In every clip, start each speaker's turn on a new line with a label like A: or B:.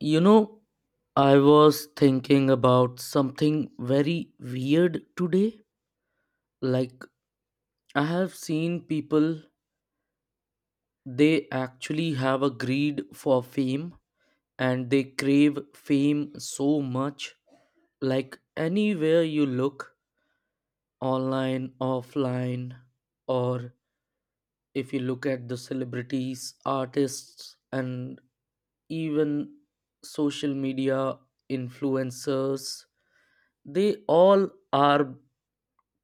A: You know, I was thinking about something very weird today. Like, I have seen people, they actually have a greed for fame and they crave fame so much. Like, anywhere you look, online, offline, or if you look at the celebrities, artists, and even social media influencers, they all are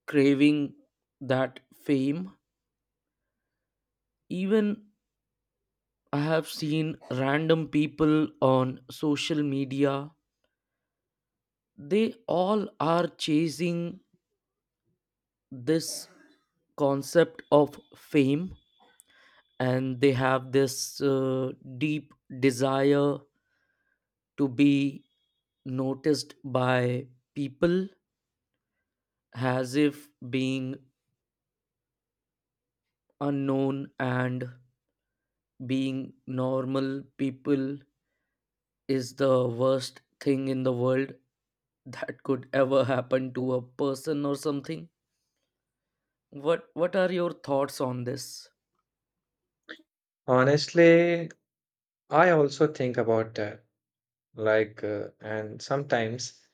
A: craving that fame. Even I have seen random people on social media, they all are chasing this concept of fame and they have this deep desire to be noticed by people as if being unknown and being normal people is the worst thing in the world that could ever happen to a person or something. What are your thoughts on this?
B: Honestly, I also think about that. And sometimes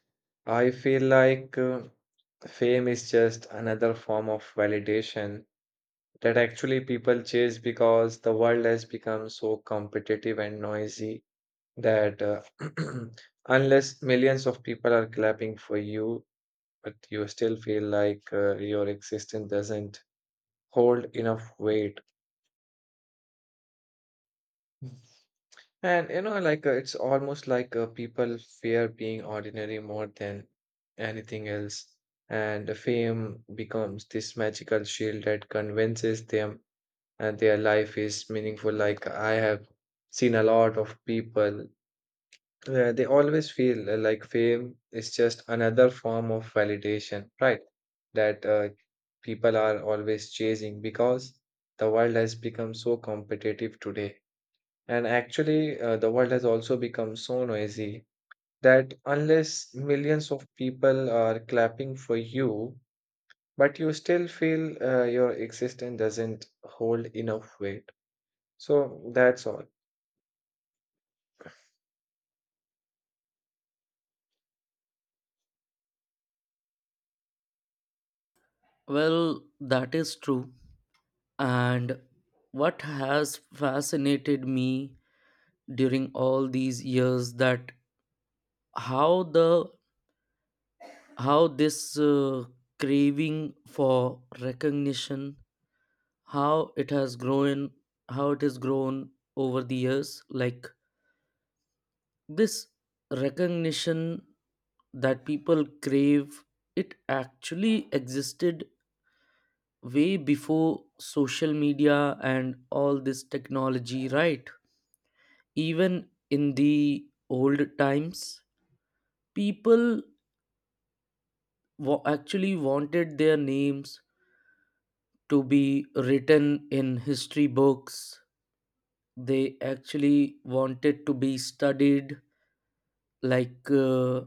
B: I feel like fame is just another form of validation that actually people chase because the world has become so competitive and noisy that unless millions of people are clapping for you, but you still feel like your existence doesn't hold enough weight. And you know, it's almost like people fear being ordinary more than anything else. And the fame becomes this magical shield that convinces them and their life is meaningful. Like I have seen a lot of people, they always feel like fame is just another form of validation, right? That People are always chasing because the world has become so competitive today and actually, the world has also become so noisy that unless millions of people are clapping for you, but you still feel your existence doesn't hold enough weight. So that's all.
A: Well, that is true. And what has fascinated me during all these years that how the how this craving for recognition how it has grown how it has grown over the years, like this recognition that people crave, it actually existed way before social media and all this technology, right? Even in the old times, people actually wanted their names to be written in history books. They actually wanted to be studied, like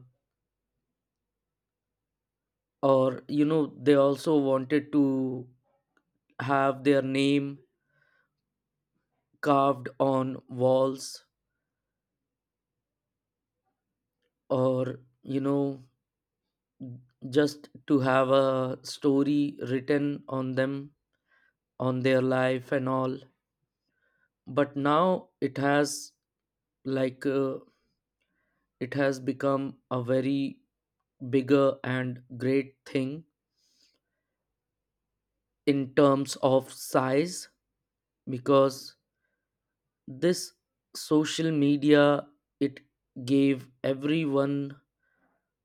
A: or, you know, they also wanted to have their name carved on walls or, you know, just to have a story written on them, on their life and all. But now it has, like uh, it has become a very bigger and great thing in terms of size, because this social media, it gave everyone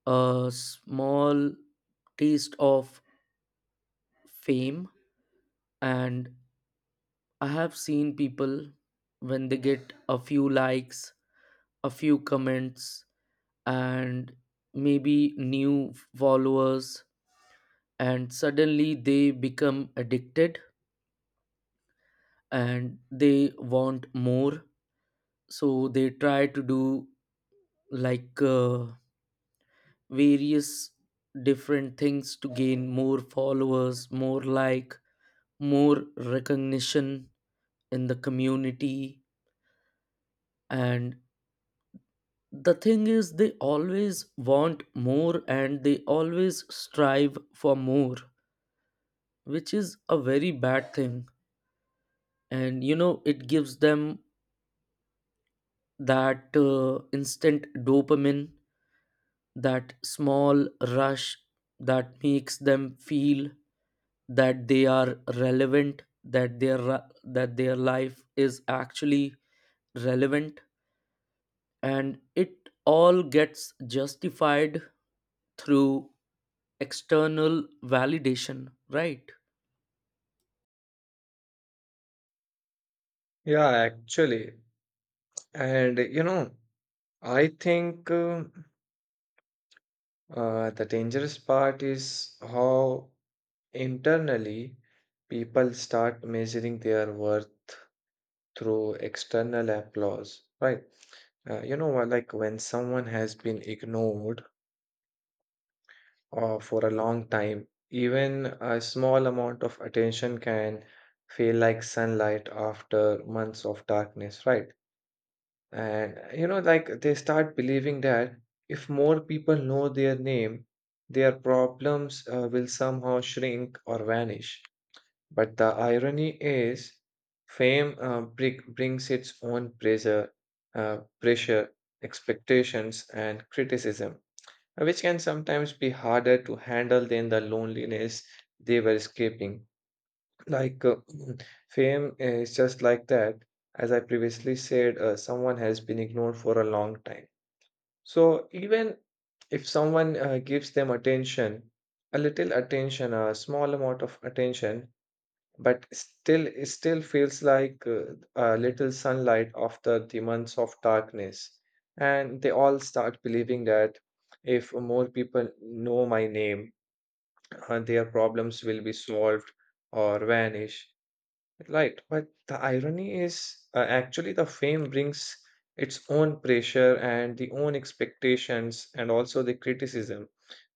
A: a small taste of fame. And I have seen people, when they get a few likes, a few comments, and maybe new followers, and suddenly they become addicted and they want more, so they try to do, like uh, various different things to gain more followers, more like more recognition in the community. And the thing is, they always want more and they always strive for more, which is a very bad thing. And, you know, it gives them that instant dopamine, that small rush that makes them feel that they are relevant, that that their life is actually relevant, and it all gets justified through external validation, right?
B: Yeah, actually. And you know, I think the dangerous part is how internally people start measuring their worth through external applause, right? Like when someone has been ignored for a long time, even a small amount of attention can feel like sunlight after months of darkness, right? And you know, like they start believing that if more people know their name, their problems will somehow shrink or vanish. But the irony is, fame brings its own pressure, pressure, expectations, and criticism, which can sometimes be harder to handle than the loneliness they were escaping. Like uh, fame is just like that. As I previously said, someone has been ignored for a long time. So even if someone gives them attention, a little attention, a small amount of attention, but still it still feels like a little sunlight after the months of darkness, and they all start believing that if more people know my name, their problems will be solved or vanish. Right, but the irony is, actually the fame brings its own pressure and the own expectations and also the criticism,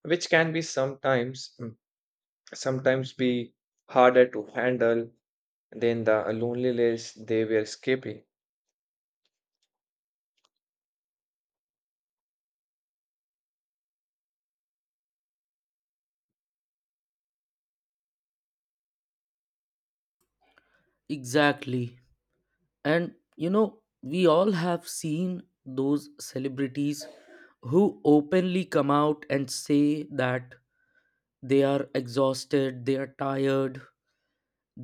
B: which can be sometimes be harder to handle than the loneliness they were escaping.
A: Exactly. And, you know, we all have seen those celebrities who openly come out and say that they are exhausted, they are tired,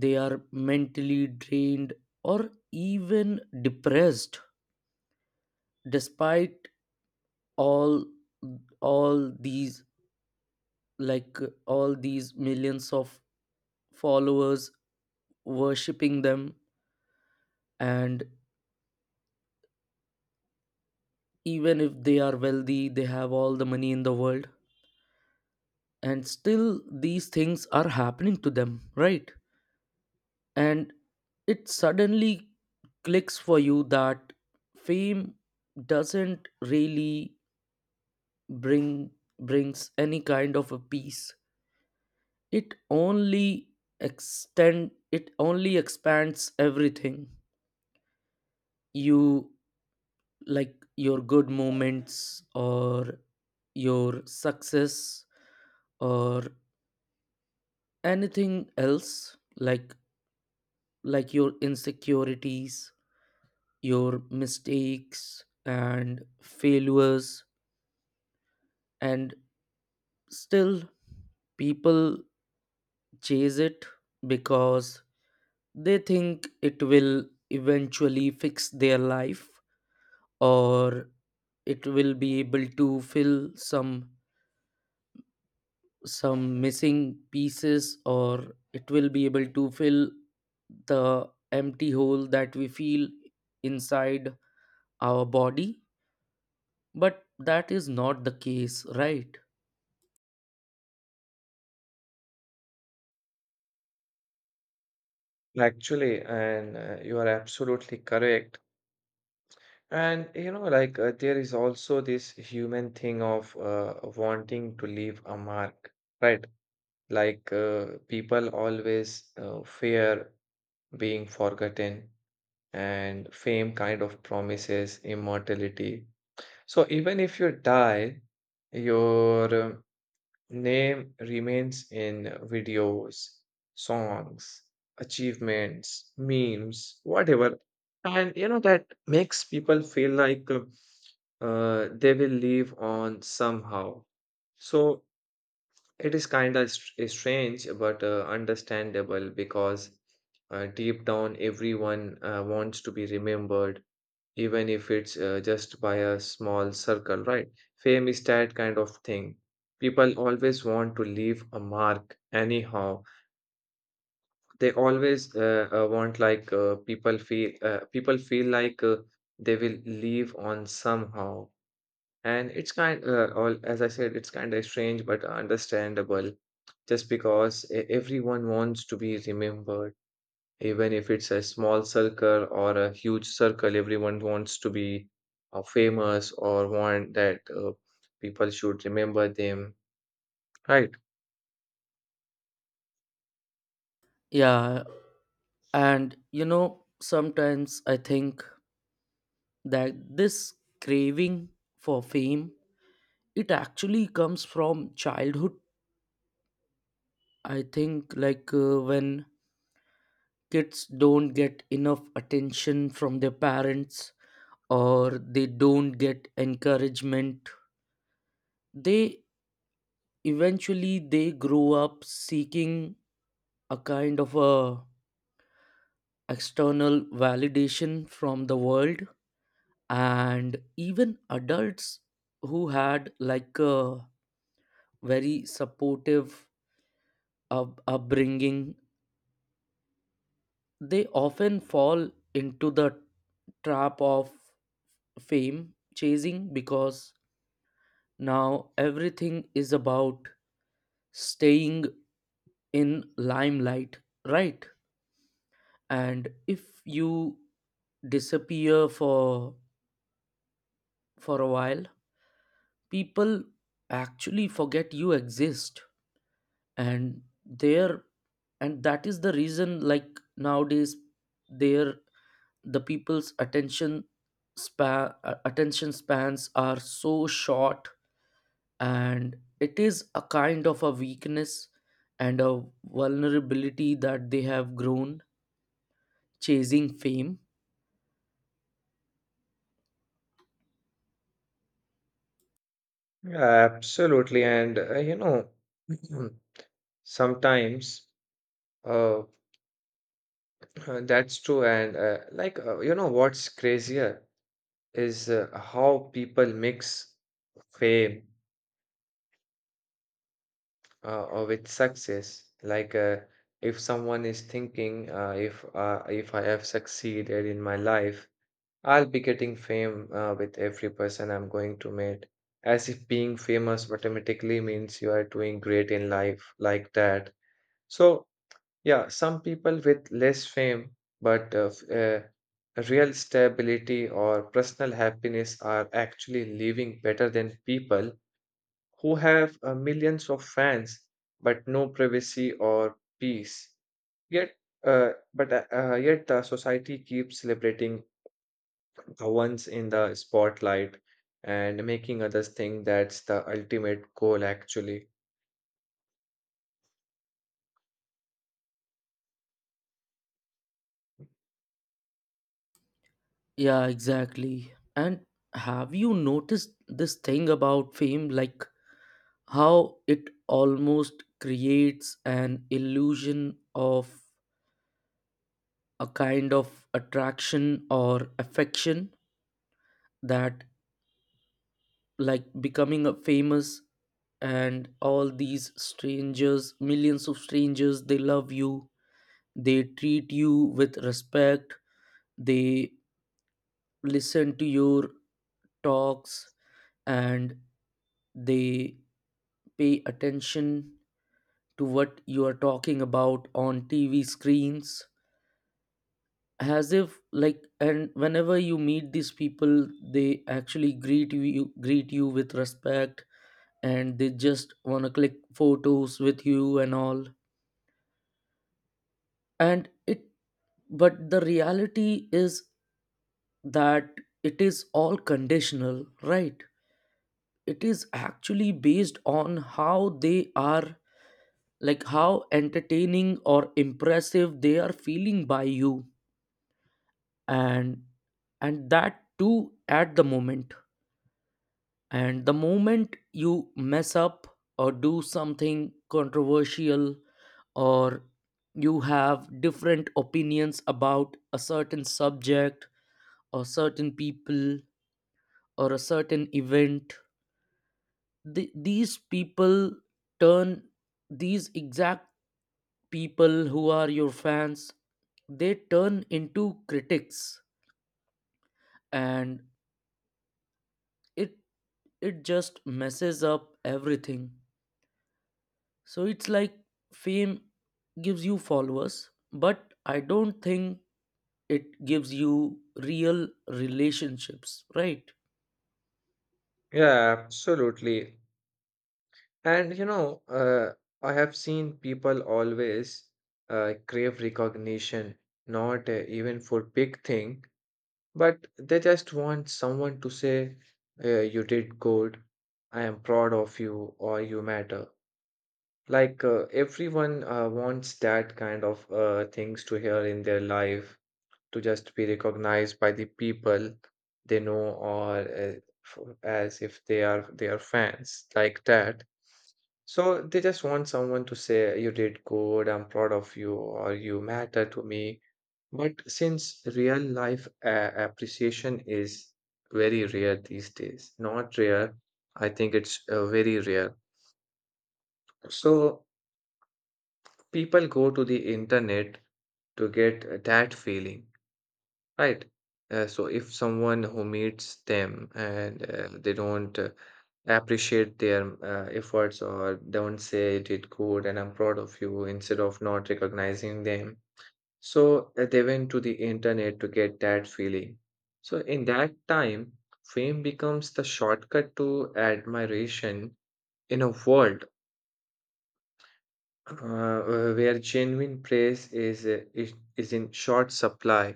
A: they are mentally drained or even depressed, despite all all these, all these millions of followers worshipping them. And even if they are wealthy, they have all the money in the world, and still these things are happening to them, right? And it suddenly clicks for you that fame doesn't really bring brings any kind of a peace. It only extend it only expands everything, you, like your good moments or your success or anything else, like your insecurities, your mistakes and failures. And still people chase it because they think it will eventually fix their life, or it will be able to fill some missing pieces, or it will be able to fill the empty hole that we feel inside our body. But that is not the case, right?
B: Actually, and you are absolutely correct. And you know, there is also this human thing of wanting to leave a mark, right? People always fear being forgotten, and fame kind of promises immortality. So even if you die, your name remains in videos, songs, achievements, memes, whatever. And you know, that makes people feel like they will live on somehow. So it is kind of strange but understandable, because deep down everyone wants to be remembered even if it's just by a small circle, right? Fame is that kind of thing. People always want to leave a mark anyhow. They always want like people feel like they will leave on somehow. And it's kind all as I said, it's kind of strange but understandable, just because everyone wants to be remembered, even if it's a small circle or a huge circle. Everyone wants to be famous, or want that people should remember them, right?
A: Yeah. And, you know, sometimes I think that this craving for fame, it actually comes from childhood. I think, like when kids don't get enough attention from their parents, or they don't get encouragement, they eventually they grow up seeking a kind of a external validation from the world. And even adults, who had like a very supportive upbringing, they often fall into the trap of fame chasing, because now everything is about staying in limelight, right? And if you disappear for, a while, people actually forget you exist. And there, and that is the reason, like nowadays, there, the people's attention span attention spans are so short. And it is a kind of a weakness and a vulnerability that they have grown chasing fame.
B: Absolutely, and you know, sometimes uh, that's true. And you know what's crazier is how people mix fame or with success. If someone is thinking, if I have succeeded in my life, I'll be getting fame with every person I'm going to meet, as if being famous automatically means you are doing great in life, like that. So, yeah, some people with less fame but real stability or personal happiness are actually living better than people who have millions of fans but no privacy or peace. Yet, Yet the society keeps celebrating ones in the spotlight and making others think that's the ultimate goal, actually.
A: Yeah, exactly. And have you noticed this thing about fame? Like how it almost creates an illusion of a kind of attraction or affection that, like, becoming a famous and all these strangers, millions of strangers, they love you, they treat you with respect, they listen to your talks, and they pay attention to what you are talking about on TV screens, as if like, and whenever you meet these people, they actually greet you with respect, and they just want to click photos with you and all. And it, but the reality is that it is all conditional, right? It is actually based on how they are, like how entertaining or impressive they are feeling by you, and and that too at the moment. And the moment you mess up or do something controversial, or you have different opinions about a certain subject or certain people or a certain event, these people turn, these exact people who are your fans, they turn into critics. And it it just messes up everything. So it's like fame gives you followers, but I don't think it gives you real relationships, right?
B: Yeah, absolutely. And you know, I have seen people always crave recognition, not even for big thing, but they just want someone to say, "You did good. I am proud of you," or "You matter." Everyone wants that kind of things to hear in their life, to just be recognized by the people they know, or as if they are their fans, like that. So they just want someone to say you did good, I'm proud of you, or you matter to me. But since real life appreciation is very rare these days, not rare, I think it's very rare. So people go to the internet to get that feeling. Right. So if someone who meets them and they don't appreciate their efforts or don't say did good and I'm proud of you, instead of not recognizing them, so they went to the internet to get that feeling. So in that time, fame becomes the shortcut to admiration in a world uh, where genuine praise is is in short supply.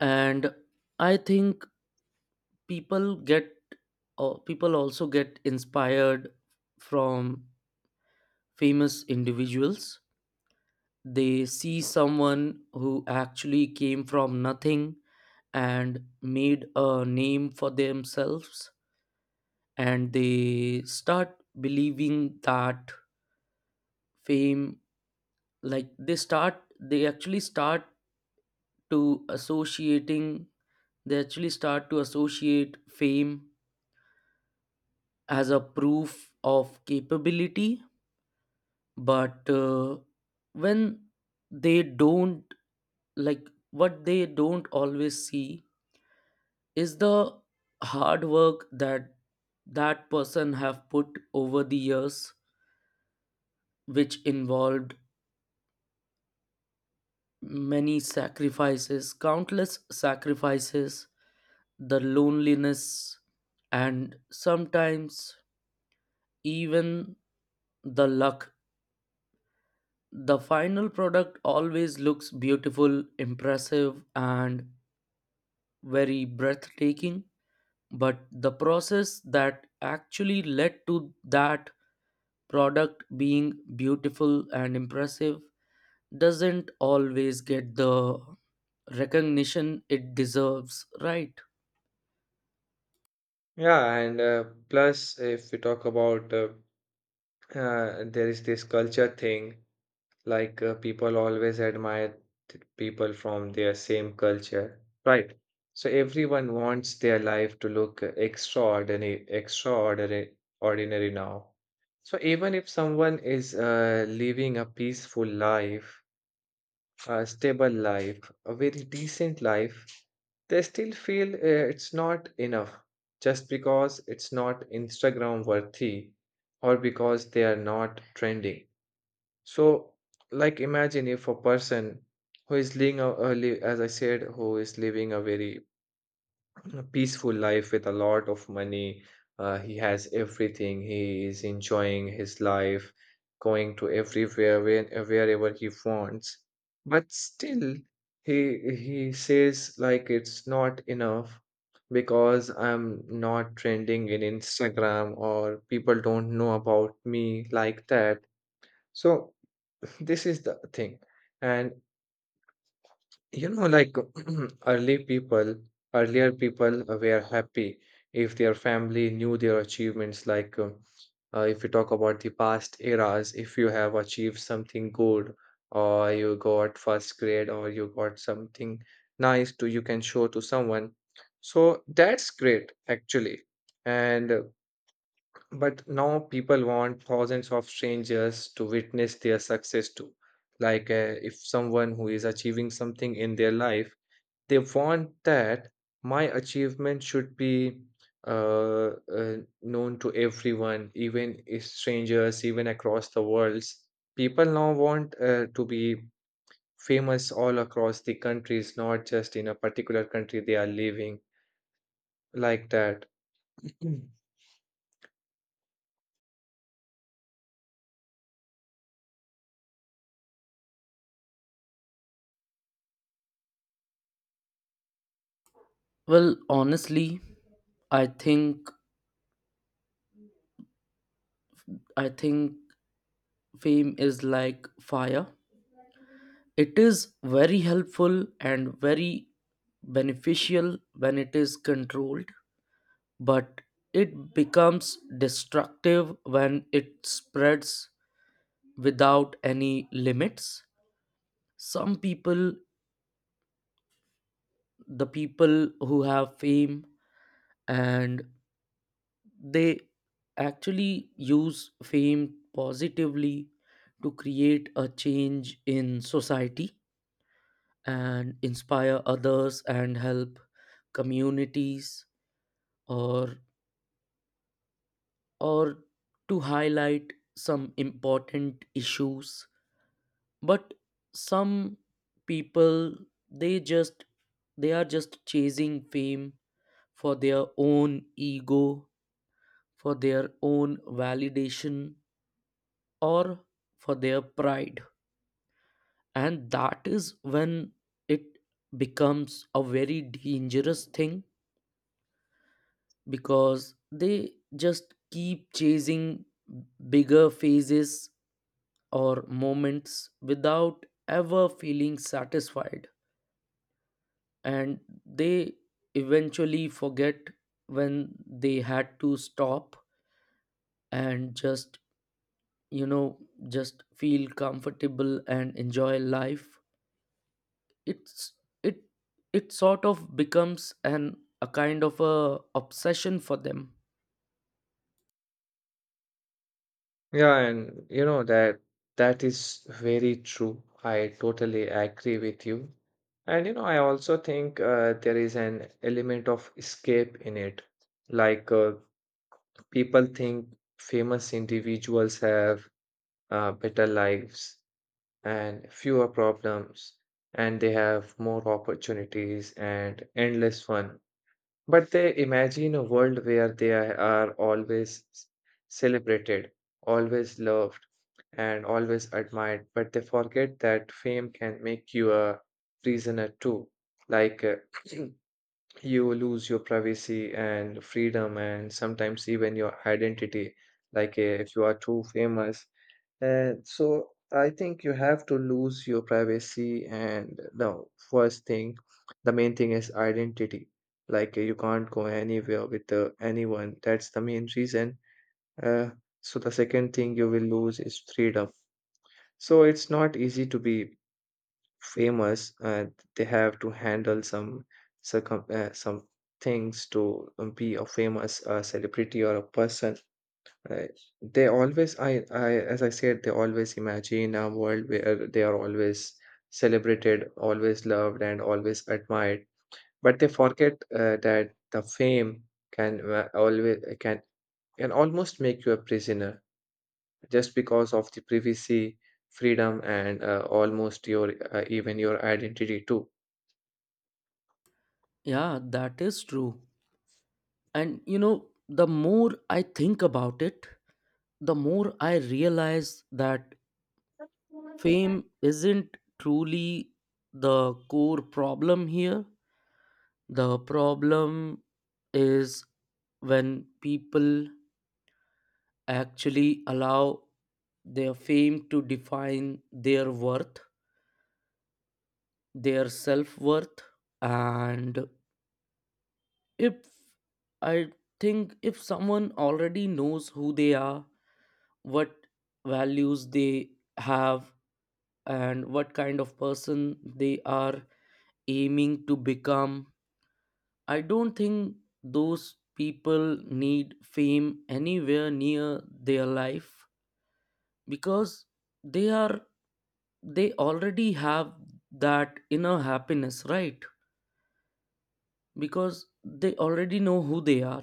A: And I think people get, people also get inspired from famous individuals. They see someone who actually came from nothing and made a name for themselves, and they start believing that fame, like they start they actually start to associating they actually start to associate fame as a proof of capability. But when they don't, like what they don't always see is the hard work that that person have put over the years, which involved many sacrifices, countless sacrifices, the loneliness, and sometimes even the luck. The final product always looks beautiful, impressive, and very breathtaking, but the process that actually led to that product being beautiful and impressive doesn't always get the recognition it deserves, right?
B: Yeah, and plus, if we talk about there is this culture thing, people always admire people from their same culture, right? So everyone wants their life to look extraordinary, extraordinary, ordinary now. So even if someone is living a peaceful life, a stable life, a very decent life, they still feel it's not enough, just because it's not Instagram worthy or because they are not trending. So, like, imagine if a person who is living as I said, who is living a very a peaceful life with a lot of money. He has everything. He is enjoying his life, going to everywhere, wherever he wants. But still, he says like it's not enough because I'm not trending in Instagram or people don't know about me, like that. So this is the thing. And you know, like early people, earlier people were happy if their family knew their achievements. Like, if you talk about the past eras, if you have achieved something good, or you got first grade, or you got something nice to you can show to someone. So that's great, actually. And but now people want thousands of strangers to witness their success too. Like, if someone who is achieving something in their life, they want that my achievement should be uh, uh, known to everyone, even if strangers, even across the worlds. People now want to be famous all across the countries, not just in a particular country they are living, like that. Mm.
A: Well, honestly, I think, I think fame is like fire. It is very helpful and very beneficial when it is controlled, but it becomes destructive when it spreads without any limits. Some people, the people who have fame, and they actually use fame positively to create a change in society and inspire others and help communities, or or to highlight some important issues. But some people, they just they are just chasing fame for their own ego, for their own validation, or for their pride. And that is when it becomes a very dangerous thing, because they just keep chasing bigger phases or moments without ever feeling satisfied. And they eventually forget when they had to stop and just, you know, just feel comfortable and enjoy life. It's, it it sort of becomes an, a kind of a obsession for them.
B: Yeah, and you know that that is very true. I totally agree with you. And you know, I also think there is an element of escape in it. Like uh, People think famous individuals have better lives and fewer problems, and they have more opportunities and endless fun. But they imagine a world where they are always celebrated, always loved, and always admired. But they forget that fame can make you a prisoner too. Like, you lose your privacy and freedom and sometimes even your identity. If you are too famous, and so I think you have to lose your privacy, and the first thing, the main thing, is identity. You can't go anywhere with anyone, that's the main reason. uh, so the second thing you will lose is freedom. So it's not easy to be famous. They have to handle some circum some things to be a famous celebrity or a person. uh, they always, I as I said, they always imagine a world where they are always celebrated, always loved, and always admired. But they forget that the fame can always can almost make you a prisoner, just because of the privacy, freedom, and almost your even your identity too.
A: Yeah, that is true. And, you know, the more I think about it, the more I realize that fame isn't truly the core problem here. The problem is when people actually allow their fame to define their worth, their self worth. And if, I think if someone already knows who they are, what values they have, and what kind of person they are aiming to become, I don't think those people need fame anywhere near their life, because they are, they already have that inner happiness, right? Because they already know who they are.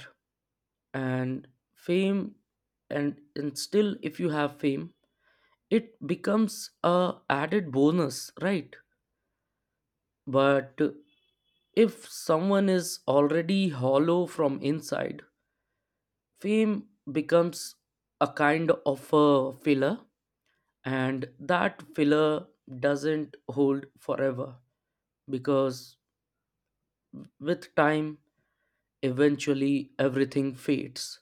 A: And fame and still if you have fame, it becomes a added bonus, right? But if someone is already hollow from inside, fame becomes a kind of a filler, and that filler doesn't hold forever, because with time, eventually everything fades.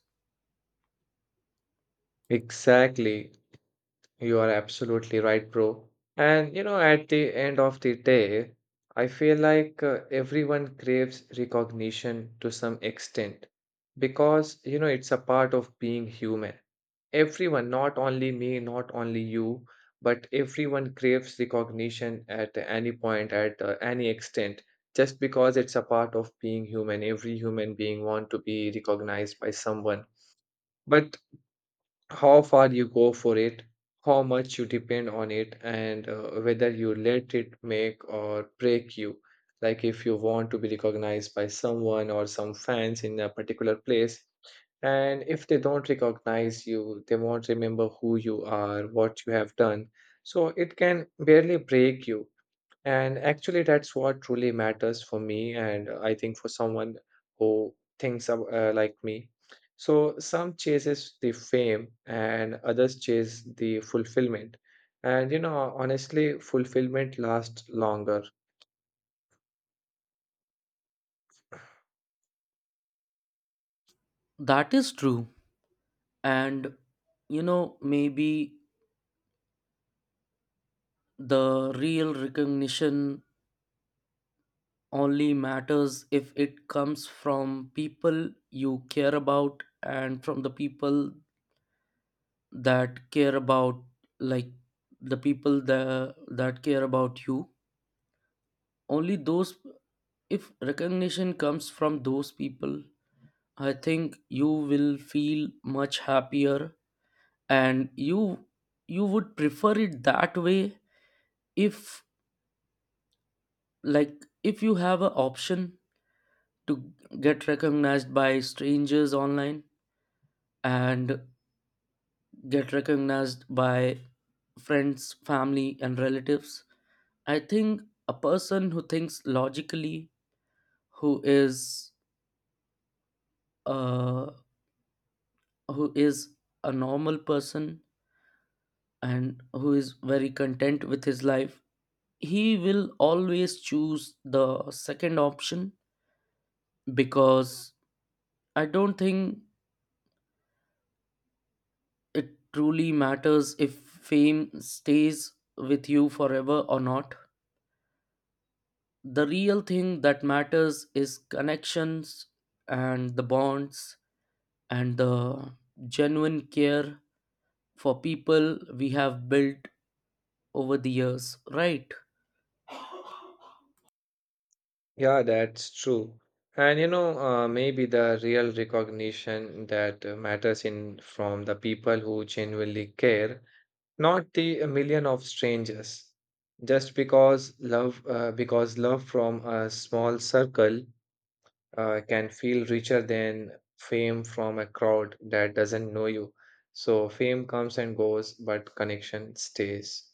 B: Exactly. You are absolutely right, bro. And you know, at the end of the day, I feel like everyone craves recognition to some extent because you know it's a part of being human. Everyone, not only me, not only you, but everyone craves recognition at any point, at any extent, just because it's a part of being human. Every human being want to be recognized by someone. But how far you go for it, how much you depend on it, and whether you let it make or break you. Like if you want to be recognized by someone or some fans in a particular place, and if they don't recognize you, they won't remember who you are, what you have done. So it can barely break you. And actually, that's what truly matters for me, and I think for someone who thinks of, like me. So some chases the fame, and others chase the fulfillment. And you know, honestly, fulfillment lasts longer.
A: That is true. And, you know, maybe the real recognition only matters if it comes from people you care about and from the people that care about, like the people that care about you, only those, if recognition comes from those people, I think you will feel much happier. And you would prefer it that way, if, like if you have an option to get recognized by strangers online and get recognized by friends, family, and relatives. I think a person who thinks logically, who is, uh, who is a normal person and who is very content with his life, he will always choose the second option. Because I don't think it truly matters if fame stays with you forever or not. The real thing that matters is connections and the bonds and the genuine care for people we have built over the years, right?
B: Yeah, that's true. And you know, maybe the real recognition that matters in from the people who genuinely care, not the million of strangers, just because love from a small circle can feel richer than fame from a crowd that doesn't know you. So fame comes and goes, but connection stays.